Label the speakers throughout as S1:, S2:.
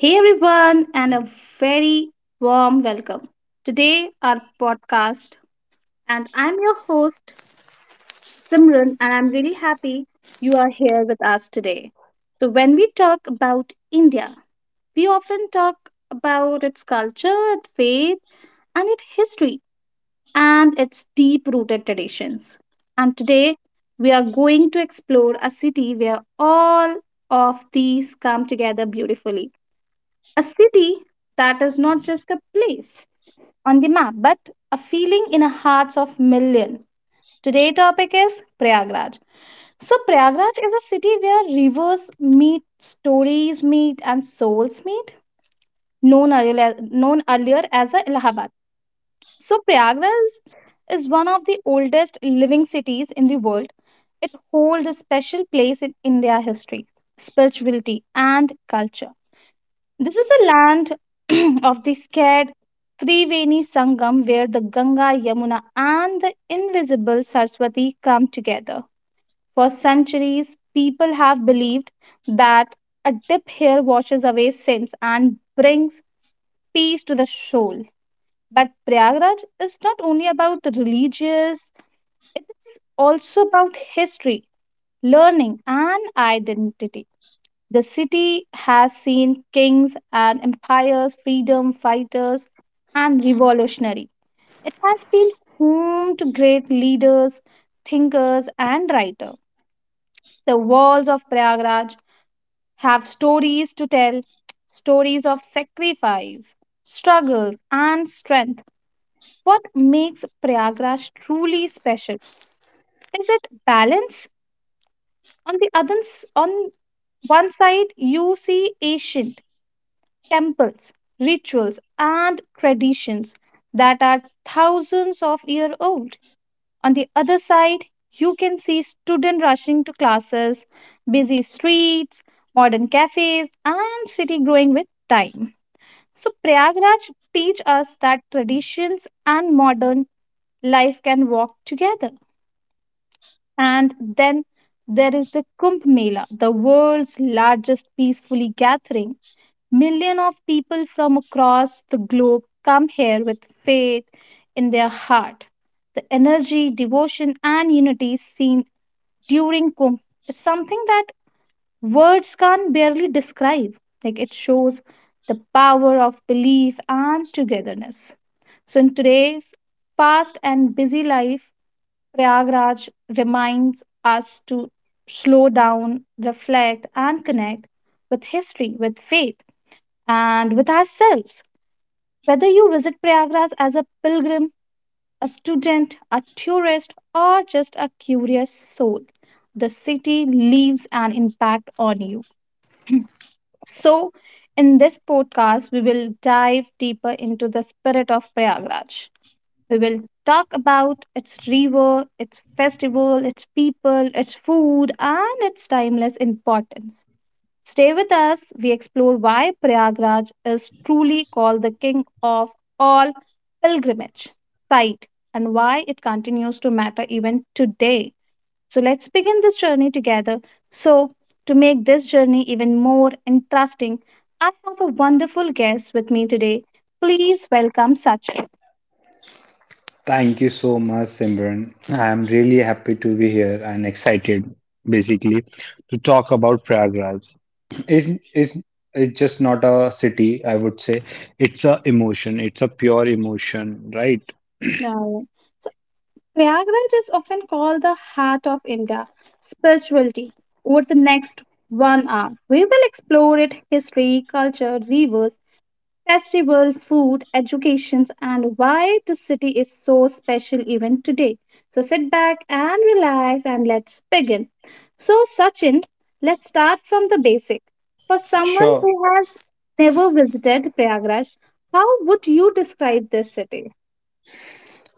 S1: Hey everyone, and a very warm welcome. Today, our podcast, and I'm your host, Simran, and I'm really happy you are here with us today. So, when we talk about India, we often talk about its culture, its faith, and its history, and its deep rooted traditions. And today, we are going to explore a city where all of these come together beautifully, a city that is not just a place on the map, but a feeling in the hearts of millions. Today's topic is Prayagraj. So Prayagraj is a city where rivers meet, stories meet, and souls meet, known earlier as a Allahabad. So Prayagraj is one of the oldest living cities in the world. It holds a special place in India history, spirituality, and culture. This is the land of the scared Triveni Sangam, where the Ganga, Yamuna, and the invisible Saraswati come together. For centuries, people have believed that a dip here washes away sins and brings peace to the soul. But Prayagraj is not only about religious, it is also about history, learning, and identity. The city has seen kings and empires, freedom fighters, and revolutionary. It has been home to great leaders, thinkers, and writers. The walls of Prayagraj have stories to tell, stories of sacrifice, struggles, and strength. What makes Prayagraj truly special is it balance. On the other, s- on one side, you see Asian temples, rituals, and traditions that are thousands of years old. On the other side, you can see students rushing to classes, busy streets, modern cafes, and city growing with time. So Prayagraj teach us that traditions and modern life can walk together. And then there is the Kumbh Mela, the world's largest peacefully gathering. Millions of people from across the globe come here with faith in their heart. The energy, devotion, and unity seen during Kumbh is something that words can barely describe. Like it shows the power of belief and togetherness. So, in today's fast and busy life, Prayagraj reminds us to slow down, reflect, and connect with history, with faith and with ourselves. Whether you visit Prayagraj as a pilgrim, a student, a tourist, or just a curious soul, the city leaves an impact on you. So, in this podcast, we will dive deeper into the spirit of Prayagraj. We will talk about its river, its festival, its people, its food, and its timeless importance. Stay with us. We explore why Prayagraj is truly called the king of all pilgrimage sites, and why it continues to matter even today. So let's begin this journey together. So, to make this journey even more interesting, I have a wonderful guest with me today. Please welcome Sachin.
S2: Thank you so much, Simran. I'm really happy to be here and excited, basically, to talk about Prayagraj. It, it's, it's just not a city, I would say. It's a emotion. It's a pure emotion, right?
S1: Now, so Prayagraj is often called the heart of India spirituality. Over the next 1 hour, we will explore its history, culture, rivers, festival, food, educations, and why the city is so special even today. So sit back and relax and let's begin. So, Sachin, let's start from the basic. For someone
S2: Sure.
S1: who has never visited Prayagraj, how would you describe this city?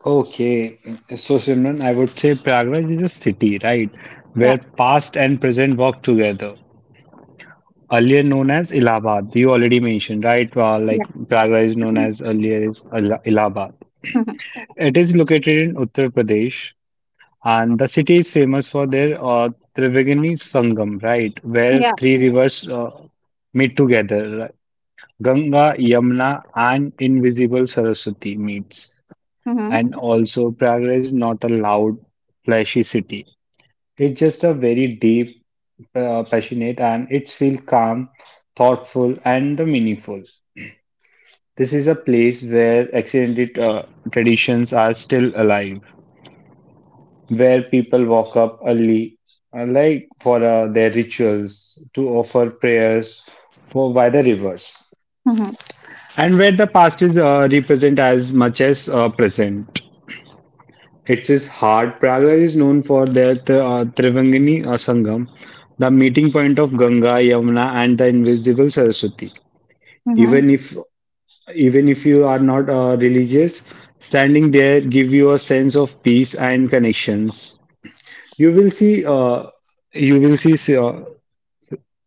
S2: Okay. So, Simran, I would say Prayagraj is a city, right,
S1: Yeah,
S2: where past and present work together. Earlier known as Allahabad, you already mentioned, right? Well, like
S1: yeah,
S2: Prayagraj is known as earlier is Allahabad. It is located in Uttar Pradesh, and the city is famous for their Triveni Sangam, right, where
S1: yeah.
S2: three rivers meet together, right? Ganga, Yamuna, and invisible Saraswati meets.
S1: Mm-hmm.
S2: And also, Prayagraj is not a loud, flashy city. It's just a very deep, passionate, and it feels calm, thoughtful, and the meaningful. This is a place where accidented traditions are still alive, where people walk up early, like for their rituals, to offer prayers for by the rivers,
S1: Mhm,
S2: and where the past is represent as much as present. It is hard. Prayagraj is known for their Trivangini Sangam, the meeting point of Ganga, Yamuna, and the invisible Saraswati.
S1: mhm.
S2: Even if even if you are not religious, standing there give you a sense of peace and connections. You will see, uh, you will see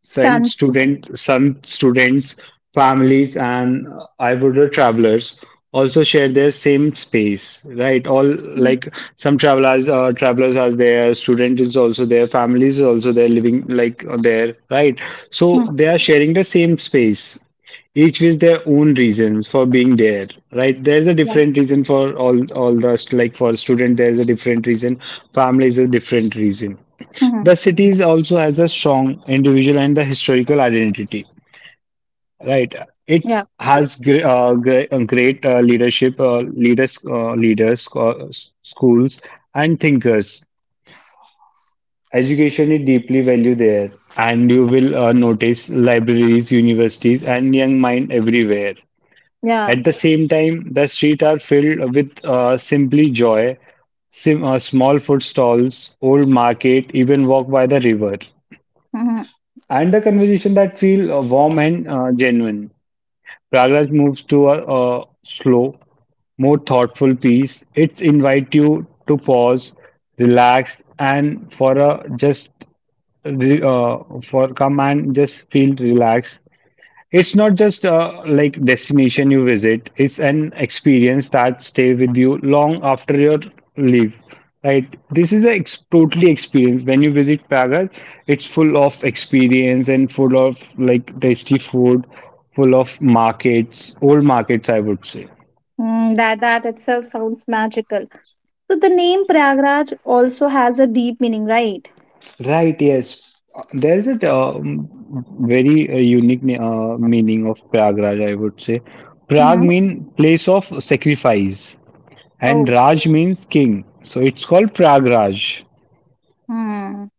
S1: Sons.
S2: some students, families, and I would say travelers also share their same space, right? All
S1: Mhm,
S2: like some travelers, travelers are there, student is also there, families is also there, living like there, right? So
S1: mhm,
S2: they are sharing the same space, each with their own reasons for being there, right? There is a
S1: yeah.
S2: different reason for all the like for student, there is a different reason, family is a different reason.
S1: Mhm,
S2: The cities also has a strong individual and the historical identity, right? It
S1: yeah.
S2: has great leaders, schools, and thinkers. Education is deeply valued there, and you will notice libraries, universities, and young mind everywhere.
S1: Yeah.
S2: At the same time, the streets are filled with simply joy, sim small food stalls, old market, even walk by the river,
S1: Mhm.
S2: and the conversation that feel warm and genuine. Pragraj moves to a slow, more thoughtful piece. It's invite you to pause, relax, and for a just re- uh, for come and just feel relaxed. It's not just a like destination you visit, it's an experience that stay with you long after your leave. Right? This is a totally experience. When you visit Praga, it's full of experience and full of like tasty food, full of markets, old markets, I would say.
S1: Mm, that that itself sounds magical. So the name Prayagraj also has a deep meaning, right?
S2: Right, yes. There is a very unique meaning of Pragraj, I would say. Prag
S1: Mm-hmm.
S2: mean place of sacrifice, and
S1: Oh.
S2: Raj means king. So it's called Pragraj.
S1: Mm.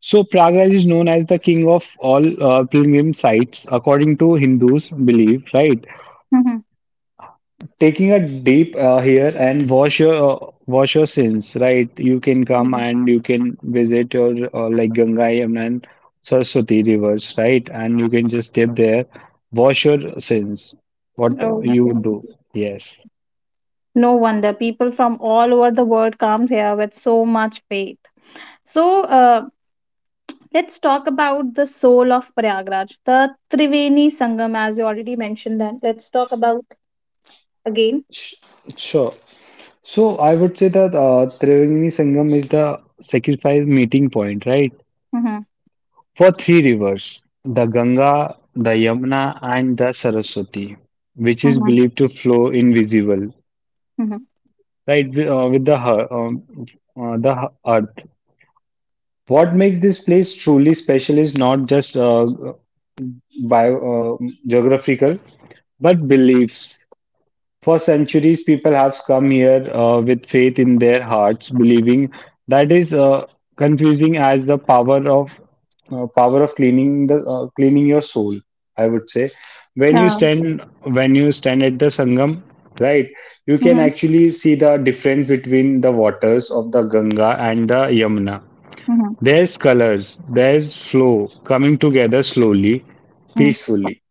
S2: So Pragraj is known as the king of all pilgrim sites, according to Hindus' belief. Right,
S1: Mm-hmm.
S2: taking a dip here and wash your sins. Right, you can come and you can visit your like Ganga, Yamuna, and Saraswati rivers. Right, and you can just dip there, wash your sins. What
S1: Oh, okay.
S2: you do? Yes.
S1: No wonder people from all over the world comes here with so much faith. So let's talk about the soul of Prayagraj, the Triveni Sangam, as you already mentioned. Then let's talk about again.
S2: Sh- Sure. So I would say that Triveni Sangam is the sacrifice meeting point, right?
S1: Mm-hmm.
S2: For three rivers, the Ganga, the Yamuna, and the Saraswati, which is believed to flow invisible,
S1: Mm-hmm.
S2: right, with the the earth. What makes this place truly special is not just geographical, but beliefs. For centuries, people have come here with faith in their hearts, believing that is confusing as the power of cleaning the cleaning your soul. I would say
S1: Yeah.
S2: when you stand at the Sangam, right, you can
S1: Mhm.
S2: actually see the difference between the waters of the Ganga and the Yamuna.
S1: Mhm.
S2: There's colors, there's flow coming together slowly,
S1: Mhm.
S2: peacefully.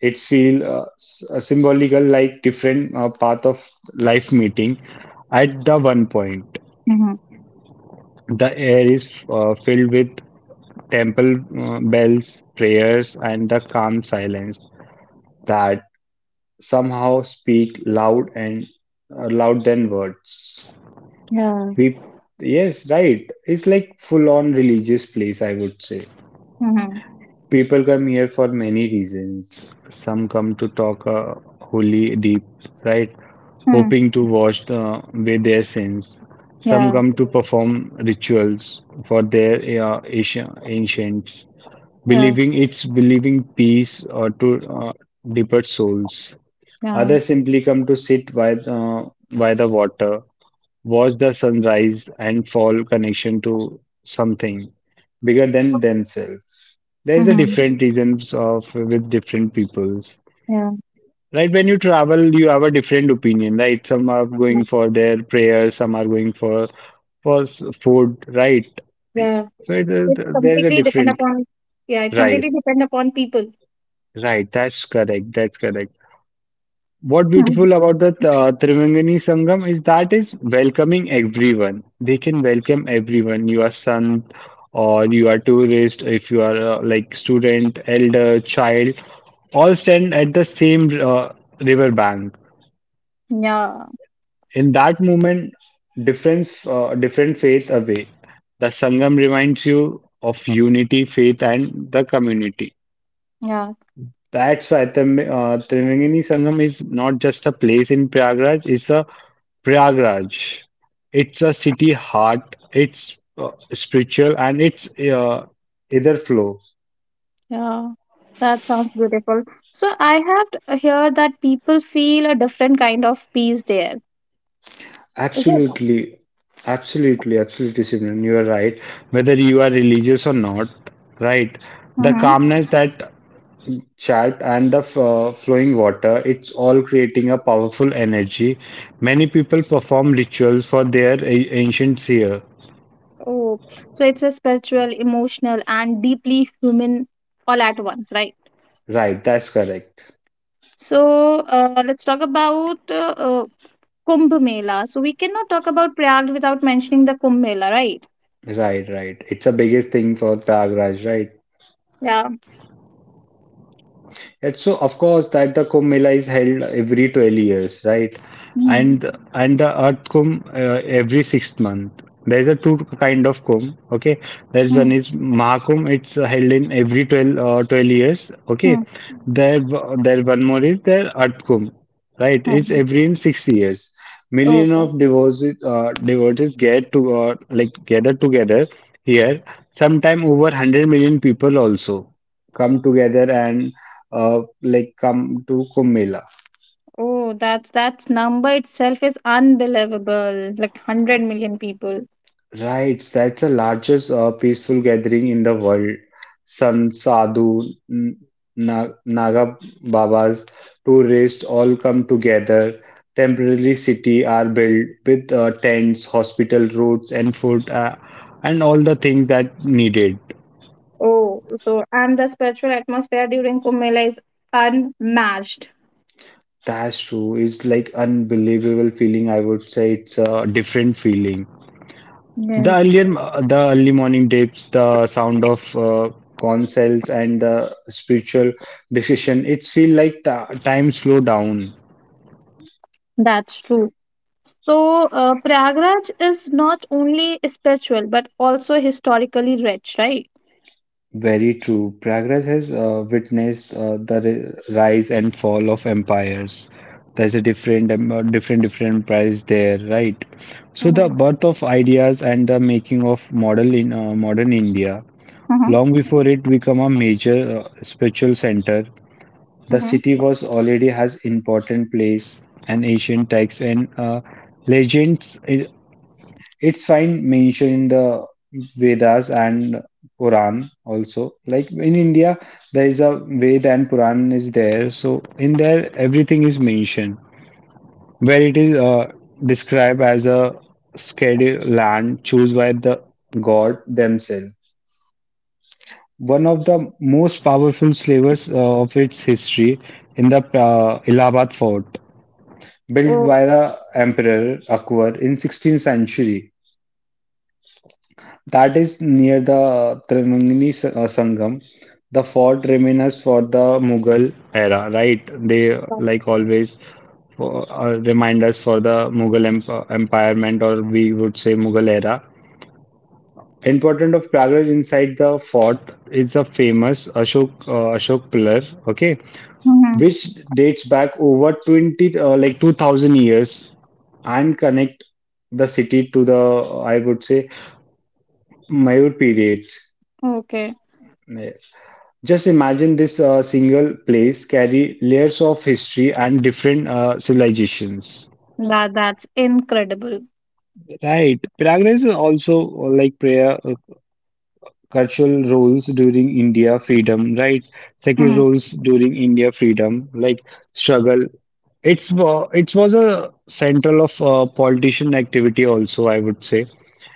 S2: It feel symbolical, like different path of life meeting. At the one point,
S1: Mhm.
S2: the air is filled with temple bells, prayers, and the calm silence that somehow speak loud and loud than words.
S1: Yeah.
S2: We, yes, right. It's like full-on religious place, I would say.
S1: Mhm.
S2: People come here for many reasons. Some come to talk holy deep, right?
S1: Mhm.
S2: Hoping to wash the, away their sins. Some
S1: Yeah.
S2: come to perform rituals for their ancients,
S1: Yeah.
S2: believing it's believing peace or to uh, deeper souls.
S1: Yeah.
S2: Others simply come to sit by the water, watch the sunrise and fall connection to something bigger than themselves. There's a
S1: Mhm.
S2: different reasons of with different peoples.
S1: Yeah.
S2: Right, when you travel, you have a different opinion, right? Some are
S1: Yeah.
S2: going for their prayers, some are going for food, right?
S1: Yeah.
S2: So it is,
S1: It's
S2: there's a
S1: completely depend
S2: different,
S1: upon, Yeah, it's
S2: right,
S1: completely depend upon people.
S2: right. That's correct. That's correct. What
S1: Mhm.
S2: beautiful about the Trivangani Sangam is that is welcoming everyone. They can welcome everyone. You are son or you are tourist, if you are like student, elder, child, all stand at the same river bank.
S1: Yeah.
S2: In that moment, different faith away. The Sangam reminds you of unity, faith, and the community.
S1: Yeah.
S2: That's Triveni Sangam is not just a place in Prayagraj. It's a city heart, it's spiritual, and it's either flow.
S1: Yeah. That sounds beautiful. So I have heard that people feel a different kind of peace there. Is it?
S2: Absolutely, absolutely, absolutely, Simran, you are right. Whether you are religious or not, right? The
S1: Mm-hmm.
S2: calmness that chat and the flowing water, it's all creating a powerful energy. Many people perform rituals for their ancient seer.
S1: Oh, so it's a spiritual, emotional, and deeply human all at once, right?
S2: Right, that's correct.
S1: So let's talk about Kumbh Mela. So we cannot talk about Prayag without mentioning the Kumbh Mela, right?
S2: Right, right. It's a biggest thing for Prayagraj, right?
S1: Yeah.
S2: And so, of course, that the Kumbh Mela is held every 12 years, right?
S1: Hmm.
S2: And and the Earth Kumbh every sixth month. There's a two kind of Kumbh, okay? There's
S1: Hmm.
S2: one is Mahakumbh, it's held in every 12 years, okay?
S1: Hmm.
S2: There, there one more is there Earth Kumbh, right? It's
S1: Hmm.
S2: every in 6 years. Million
S1: Okay.
S2: of devotees, devotees get to like gather together here. Sometime over 100 million people also come together and like come to Kumbh Mela.
S1: Oh, that's number itself is unbelievable. Like 100 million people.
S2: Right, that's the largest peaceful gathering in the world. Sadhu, N- Naga Babas, tourists all come together. Temporary city are built with tents, hospital roads, and food, and all the things that needed.
S1: Oh, so and the spiritual atmosphere during Kumbh Mela is unmatched.
S2: That's true. It's like unbelievable feeling. I would say it's a different feeling. The
S1: Yes,
S2: earlier, the early morning tapes, the sound of corn cells and the spiritual discussion, it feel like ta time slow down.
S1: that's true. So Prayagraj is not only spiritual but also historically rich, right?
S2: Very true. Prayagraj has witnessed the rise and fall of empires. There's a different, different price there, right? So the
S1: Mm-hmm.
S2: birth of ideas and the making of model in modern India, long before it become a major spiritual center. The city
S1: Mhm.
S2: was already has important place and ancient texts and legends. It's fine mentioned in the Vedas and Quran also. Like in India, there is a Ved and Quran is there. So in there, everything is mentioned where it is described as a scheduled land chosen by the god themselves. One of the most powerful slavers of its history in the Allahabad fort, built
S1: Oh,
S2: by the emperor Akbar in 16th century. That is near the Sangam. The fort remains for the Mughal era, right? They
S1: wow.
S2: like always remind us for the empirement, or we would say Mughal era. Important of Pragraj inside the fort is a famous Ashok pillar, okay,
S1: Mhm.
S2: which dates back over 20 uh, like 2000 years and connect the city to the, I would say, Mayur periods.
S1: Okay.
S2: Yes. Just imagine this single place carry layers of history and different civilizations.
S1: That that's incredible.
S2: Right. Prayagraj is also like prayer cultural roles during India freedom, right? Secular
S1: Mhm.
S2: roles during India freedom, like struggle. It was a central of politician activity also, I would say.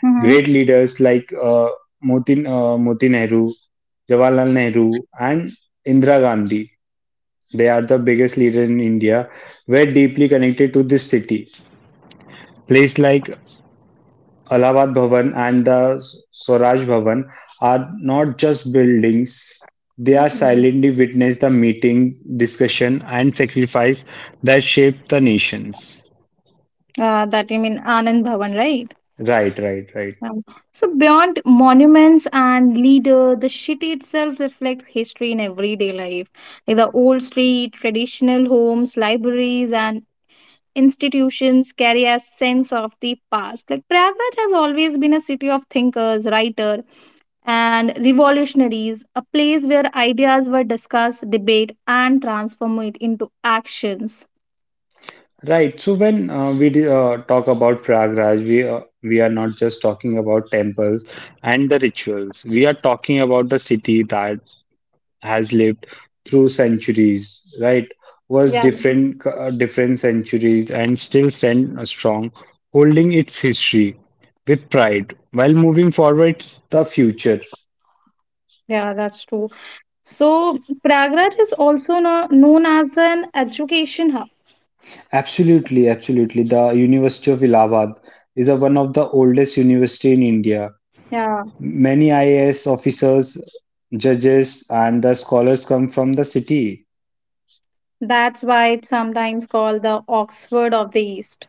S1: Mhm.
S2: Great leaders like Moti Nehru, Jawaharlal Nehru, and Indira Gandhi. They are the biggest leader in India, were deeply connected to this city. Places like Allahabad Bhavan and the Swaraj Bhavan are not just buildings, they are
S1: Mm.
S2: silently witness the meeting, discussion, and sacrifice that shaped the nations.
S1: That you mean Anand Bhavan, right?
S2: Right, right, right.
S1: Um, so beyond monuments and leader, the city itself reflects history in everyday life. Like the old street, traditional homes, libraries, and institutions carry a sense of the past. Like Prayagraj has always been a city of thinkers, writers, and revolutionaries, a place where ideas were discussed, debated, and transformed into actions.
S2: Right. So when talk about Prayagraj, we are not just talking about temples and the rituals. We are talking about the city that has lived through centuries, right? Was
S1: Yeah,
S2: different centuries and still stand strong, holding its history with pride while moving forwards the future.
S1: yeah, that's true. So, Pragraj is also known as an education hub.
S2: Absolutely, absolutely. The University of Allahabad is one of the oldest university in India.
S1: Yeah,
S2: Many IAS officers, judges, and the scholars come from the city.
S1: that's why it's sometimes called the Oxford of the East.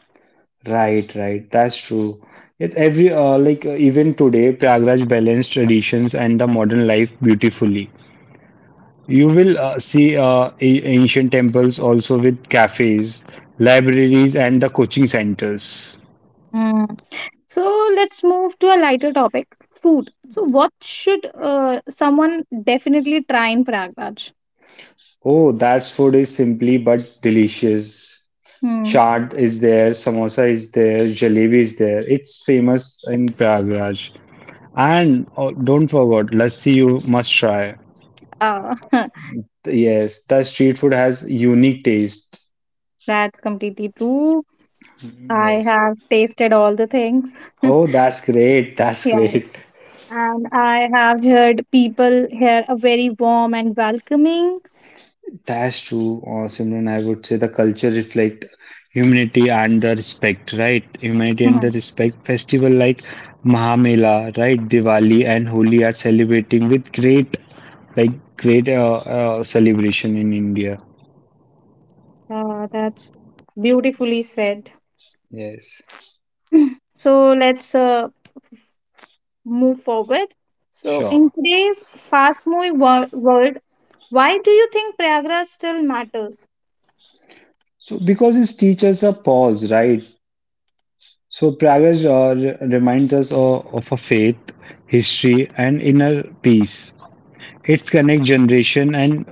S2: Right, right. That's true. It's every like even today, Pragraj balanced traditions and the modern life beautifully. You will see ancient temples also with cafes, libraries, and the coaching centers.
S1: Hmm. So, let's move to a lighter topic food. So, what should someone definitely try in Pragraj?
S2: Oh, that food is simply but delicious.
S1: Hmm.
S2: Chaat is there, samosa is there, jalebi is there. It's famous in Pragraj. And oh, don't forget, lassi you must try.
S1: Uh,
S2: Yes, the street food has unique taste.
S1: that's completely true. I
S2: Yes.
S1: have tasted all the things.
S2: Oh, that's great. That's
S1: Yeah.
S2: great.
S1: And I have heard people here are very warm and welcoming.
S2: That's true, Simran. I would say the culture reflect humanity and the respect, right? Humanity and the
S1: Mhm.
S2: respect. Festival like Mahamela, right? Diwali and Holi are celebrating with great, like great celebration in India.
S1: That's beautifully said.
S2: Yes,
S1: So let's move forward. So,
S2: sure.
S1: in today's fast moving world, why do you think Prayagraj still matters?
S2: So because it teaches a pause, right? So Pragesh reminds us of a faith, history, and inner peace. It connects generation and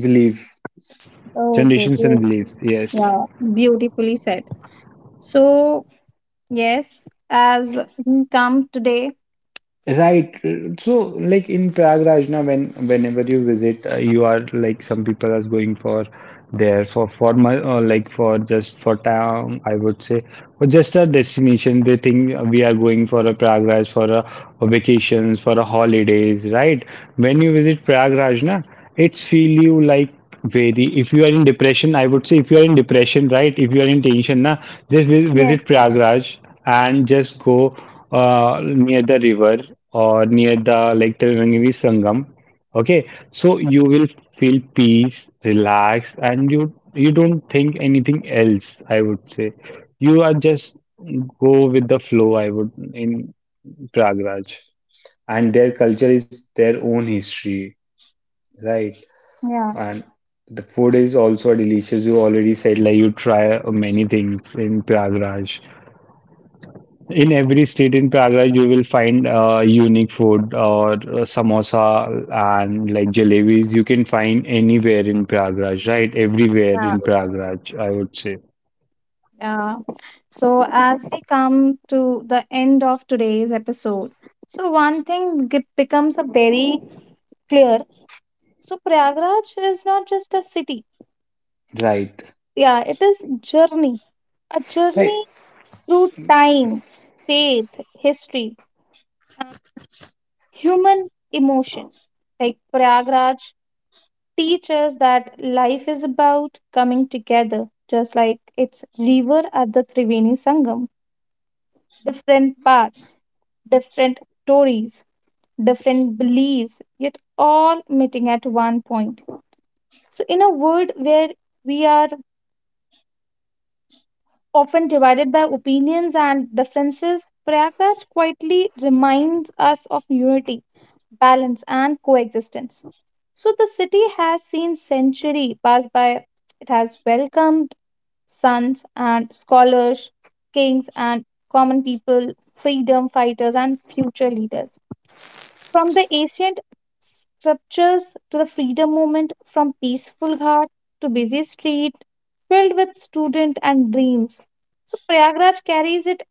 S2: belief,
S1: Okay,
S2: generations and
S1: so,
S2: beliefs. Yes.
S1: yeah, beautifully said. So, yes, as we come today,
S2: Right. So, like in Prague, Rajna, whenever you visit, you are like some people are going for there for my or like for just for town, I would say, or just a destination. They think we are going for a Prague Raj for a vacations for a holidays, right? When you visit Prague, Rajna, it's feel you like very. If you are in depression, I would say if you are in depression, right? If you are in tension, na, just visit
S1: yes,
S2: Prague Raj and just go near the river or near the like Triveni Sangam. Okay, so you will feel peace, relax, and you don't think anything else. I would say you are just go with the flow. I would in Pragraj, and their culture is their own history, right?
S1: yeah.
S2: And the food is also delicious. You already said like you try many things in Pragraj in every state in Praga, you will find unique food or samosa and like jalebis. You can find anywhere in Praga, right? Everywhere
S1: Yeah.
S2: in Praga, I would say.
S1: Uh, so, as we come to the end of today's episode, so one thing becomes a very clear. So, Prayagraj is not just a city.
S2: Right.
S1: Yeah, it is journey, a
S2: Right.
S1: journey through time, faith, history, human emotion. Like Prayagraj teaches that life is about coming together, just like its river at the Triveni Sangam. Different paths, different stories, different beliefs, yet all meeting at one point. So, in a world where we are often divided by opinions and differences, Prayagraj quietly reminds us of unity, balance, and coexistence. So, the city has seen centuries pass by. It has welcomed sons and scholars, kings and common people, freedom fighters, and future leaders. From the ancient sculptures to the freedom movement, from peaceful ghat to busy street, filled with student and dreams. So Prayagraj carries it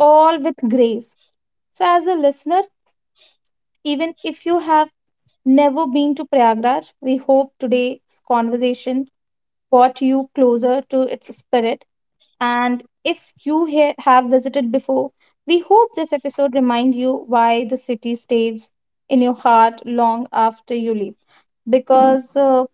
S1: all with grace. So as a listener, even if you have never been to Prayagraj, we hope today's conversation brought you closer to its spirit, and if you have visited before, we hope this episode reminds you why the city stays in your heart long after you leave. Because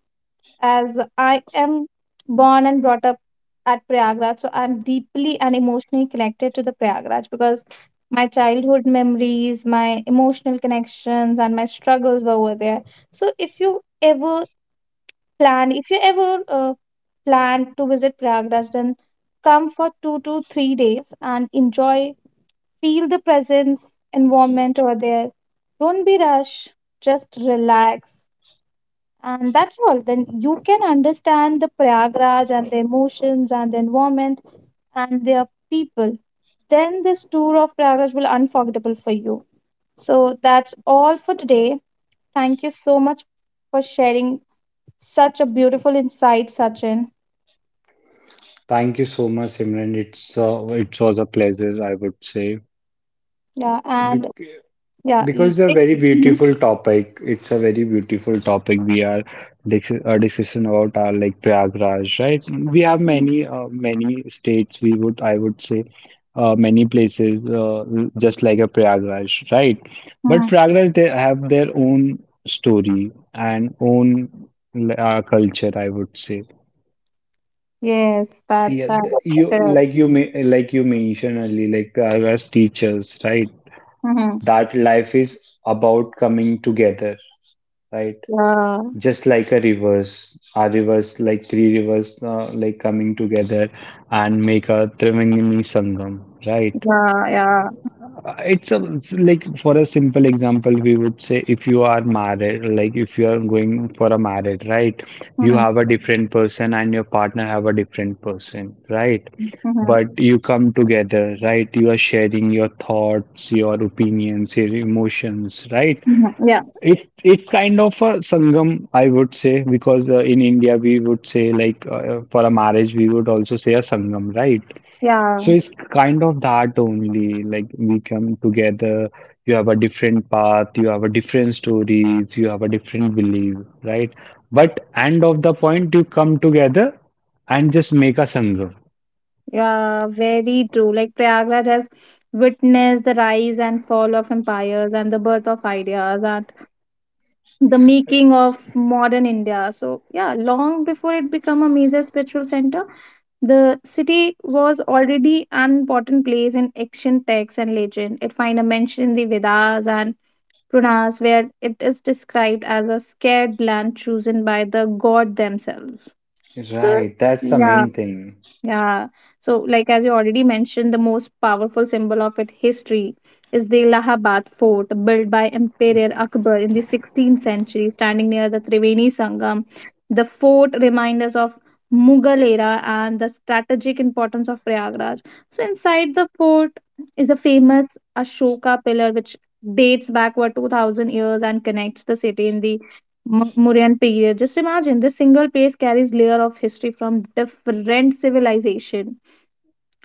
S1: as I am born and brought up at Prayagraj, so I'm deeply and emotionally connected to the Prayagraj because my childhood memories, my emotional connections, and my struggles were over there. So if you ever plan to visit Prayagraj, then come for 2 to 3 days and enjoy, feel the presence, environment over there. Don't be rushed, just relax. And that's all. Then you can understand the Prayagraj and the emotions and the environment and their people. Then this tour of Prayagraj will unforgettable for you. So that's all for today. Thank you so much for sharing such a beautiful insight, Sachin.
S2: Thank you so much, Simran. It's it was a pleasure, I would say.
S1: Yeah, and yeah,
S2: Because it's a very
S1: Mhm.
S2: beautiful topic. It's a very beautiful topic. We are discussion about our like Prayagraj, right? We have many many states. We would I would say many places just like a Prayagraj, right? But
S1: Mhm.
S2: Prayagraj they have their own story and own culture. I would say.
S1: Yes,
S2: Yeah,
S1: that's
S2: you
S1: correct.
S2: like you may like you mentioned earlier, like Prayagraj teachers, right?
S1: Hmm.
S2: That life is about coming together, right?
S1: Yeah,
S2: Just like a rivers, our rivers, like three rivers, like coming together and make a Triveni Sangam, right?
S1: yeah, yeah.
S2: It's a like for a simple example, we would say if you are married, like if you are going for a marriage, right? You
S1: Hmm.
S2: have a different person and your partner have a different person, right?
S1: Hmm.
S2: But you come together, right? You are sharing your thoughts, your opinions, your emotions, right?
S1: Hmm. Yeah,
S2: It's kind of a sangam, I would say, because in India we would say like for a marriage we would also say a sangam, right?
S1: yeah,
S2: So it's kind of that only. Like we come together, you have a different path, you have a different stories, you have a different belief, right? But end of the point, you come together and just make a sangam.
S1: yeah. Very true. Like Prayagraj has witnessed the rise and fall of empires and the birth of ideas and the making of modern India. So yeah, long before it became a major spiritual center, the city was already an important place in ancient texts and legend. It finds a mention in the Vedas and Puranas, where it is described as a scared land chosen by the god themselves. So,
S2: Right, that's the
S1: yeah,
S2: main thing.
S1: yeah. So, like as you already mentioned, the most powerful symbol of its history is the Allahabad Fort, built by Emperor Akbar in the 16th century, standing near the Triveni Sangam. The fort reminds us of Mughal era and the strategic importance of Prayagraj. So, inside the fort is a famous Ashoka pillar, which dates backward 2000 years and connects the city in the Mauryan period. Just imagine this single place carries layer of history from different civilization.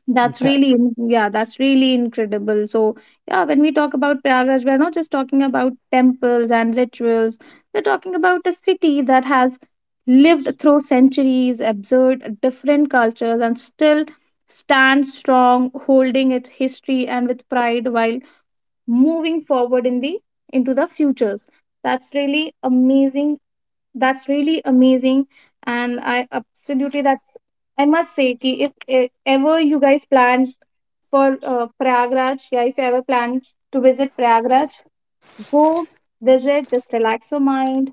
S1: Yeah, that's really incredible. So yeah, when we talk about Prayagraj, we're not just talking about temples and rituals. We're talking about a city that has lived through centuries, observed different cultures, and still stands strong, holding its history and with pride while moving forward in the into the futures. That's really amazing, that's really amazing, and I absolutely, that's, I must say ki if ever you guys plan for prayagraj, yeah, if you ever plan to visit Prayagraj, go visit, just relax your mind,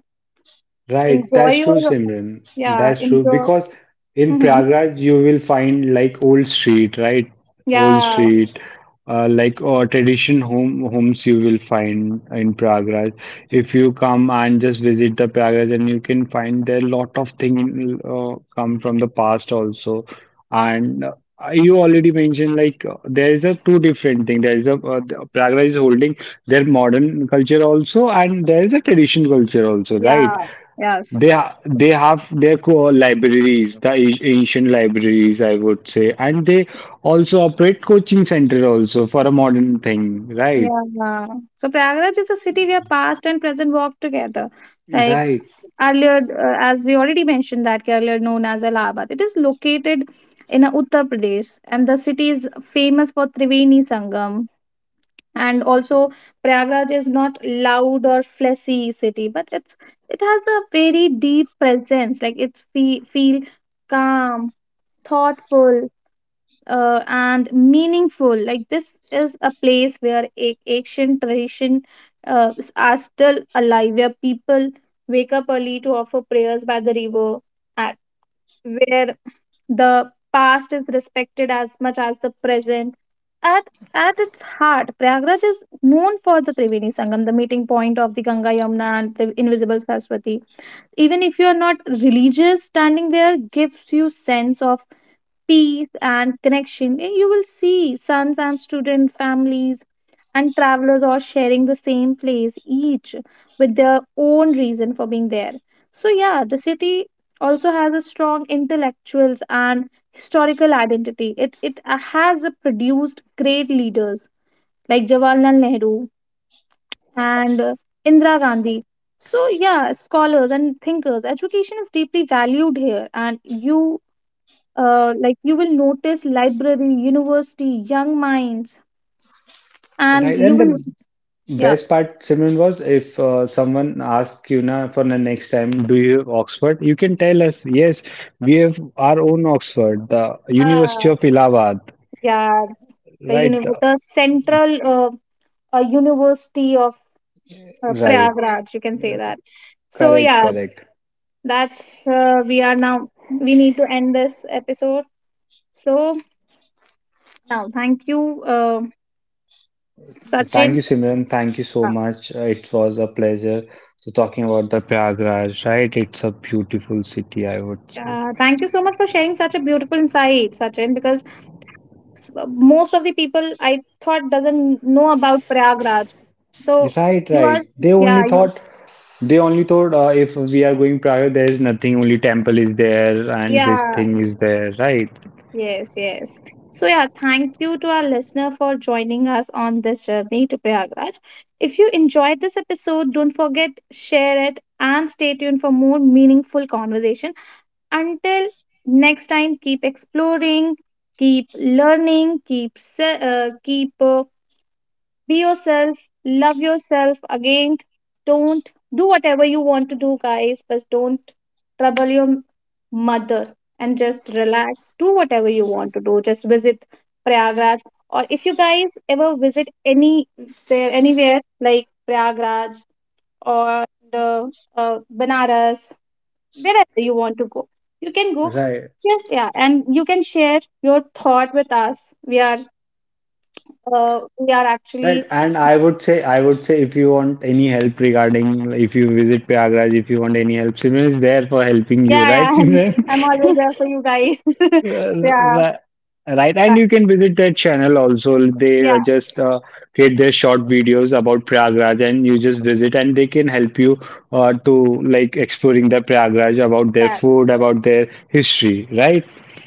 S2: Right,
S1: enjoy
S2: that's true,
S1: your,
S2: Simran.
S1: yeah,
S2: That's true
S1: enjoy.
S2: because in
S1: Mhm.
S2: Prayagraj you will find like old street, right? Old
S1: Yeah,
S2: street, like or tradition home homes you will find in Prayagraj. If you come and just visit the Prayagraj, and you can find there lot of things come from the past also. And you already mentioned like there is a two different thing. There is a the Prayagraj is holding their modern culture also, and there is a tradition culture also,
S1: yeah.
S2: right?
S1: Yes.
S2: They have their core libraries, the ancient libraries, I would say, and they also operate coaching center also for a modern thing, right?
S1: Yeah. So Prayagraj is a city where past and present walk together. Like
S2: Right,
S1: earlier, as we already mentioned, that earlier known as Allahabad. It is located in Uttar Pradesh, and the city is famous for Triveni Sangam. And also, Prayagraj is not loud or flashy city, but it's, it has a very deep presence. Like it's fe feel calm, thoughtful, and meaningful. Like this is a place where ancient tradition are still alive, where people wake up early to offer prayers by the river, at where the past is respected as much as the present. At at its heart, Prayagraj is known for the Triveni Sangam, the meeting point of the Ganga Yamuna and the invisible Saraswati. Even if you are not religious, standing there gives you sense of peace and connection. And you will see sons and student families and travelers all sharing the same place, each with their own reason for being there. So, yeah, the city also has a strong intellectuals and historical identity. It has produced great leaders like Jawaharlal Nehru and Indira Gandhi. So, yeah, scholars and thinkers, education is deeply valued here, and you will notice library university young minds and
S2: right.
S1: you
S2: And
S1: will,
S2: the
S1: yeah,
S2: best part, Simon, was if someone asks you now for the next time, do you have Oxford? You can tell us, yes, we have our own Oxford, the
S1: yeah,
S2: University of Allahabad,
S1: yeah,
S2: right? The-
S1: the central university of
S2: Right.
S1: Prayagraj, you can say that. So
S2: Correct,
S1: yeah,
S2: correct.
S1: that's, we are now we need to end this episode. So now thank you,
S2: Thank
S1: Sachin.
S2: you, Simran. Thank you so
S1: uh,
S2: much. It was a pleasure. So talking about the Prayagraj, right? It's a beautiful city, I would say.
S1: Thank you so much for sharing such a beautiful insight, Sachin, because most of the people I thought doesn't know about Prayagraj. So
S2: Yes, right,
S1: you are,
S2: right. They
S1: yeah,
S2: only
S1: you,
S2: thought they only thought if we are going Prayagraj, there is nothing. Only temple is there, and this
S1: yeah,
S2: thing is there, right?
S1: yes, yes. So yeah, thank you to our listener for joining us on this journey to Prayagraj. If you enjoyed this episode, don't forget share it and stay tuned for more meaningful conversation. Until next time, keep exploring, keep learning, keep. Be yourself, love yourself. Again, don't do whatever you want to do, guys, but don't trouble your mother and just relax. Do whatever you want to do. Just visit Prayagraj. Or if you guys ever visit any there anywhere like Prayagraj or the Banaras, wherever you want to go, you can go.
S2: Right,
S1: Just yeah, and you can share your thought with us. We are we are
S2: right.
S1: actually,
S2: And I would say, if you want any help regarding, if you visit Prayagraj, if you want any help, Simran is there for helping you,
S1: yeah, yeah,
S2: right,
S1: I'm always
S2: Simran?
S1: there for you guys.
S2: Uh,
S1: So yeah,
S2: ri- Right, and
S1: that,
S2: you can visit their channel also. They
S1: yeah,
S2: just create their short videos about Prayagraj, and you just visit, and they can help you to like exploring the Prayagraj about their
S1: that,
S2: food, about their history. Right?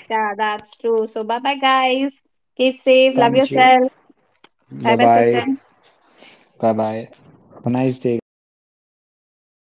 S1: yeah, that's true. So bye bye guys. Keep safe. Love
S2: Thank you.
S1: yourself. Bye
S2: Bye
S1: bye,
S2: bye.
S1: Sachin.
S2: Bye bye. Have a nice day, guys.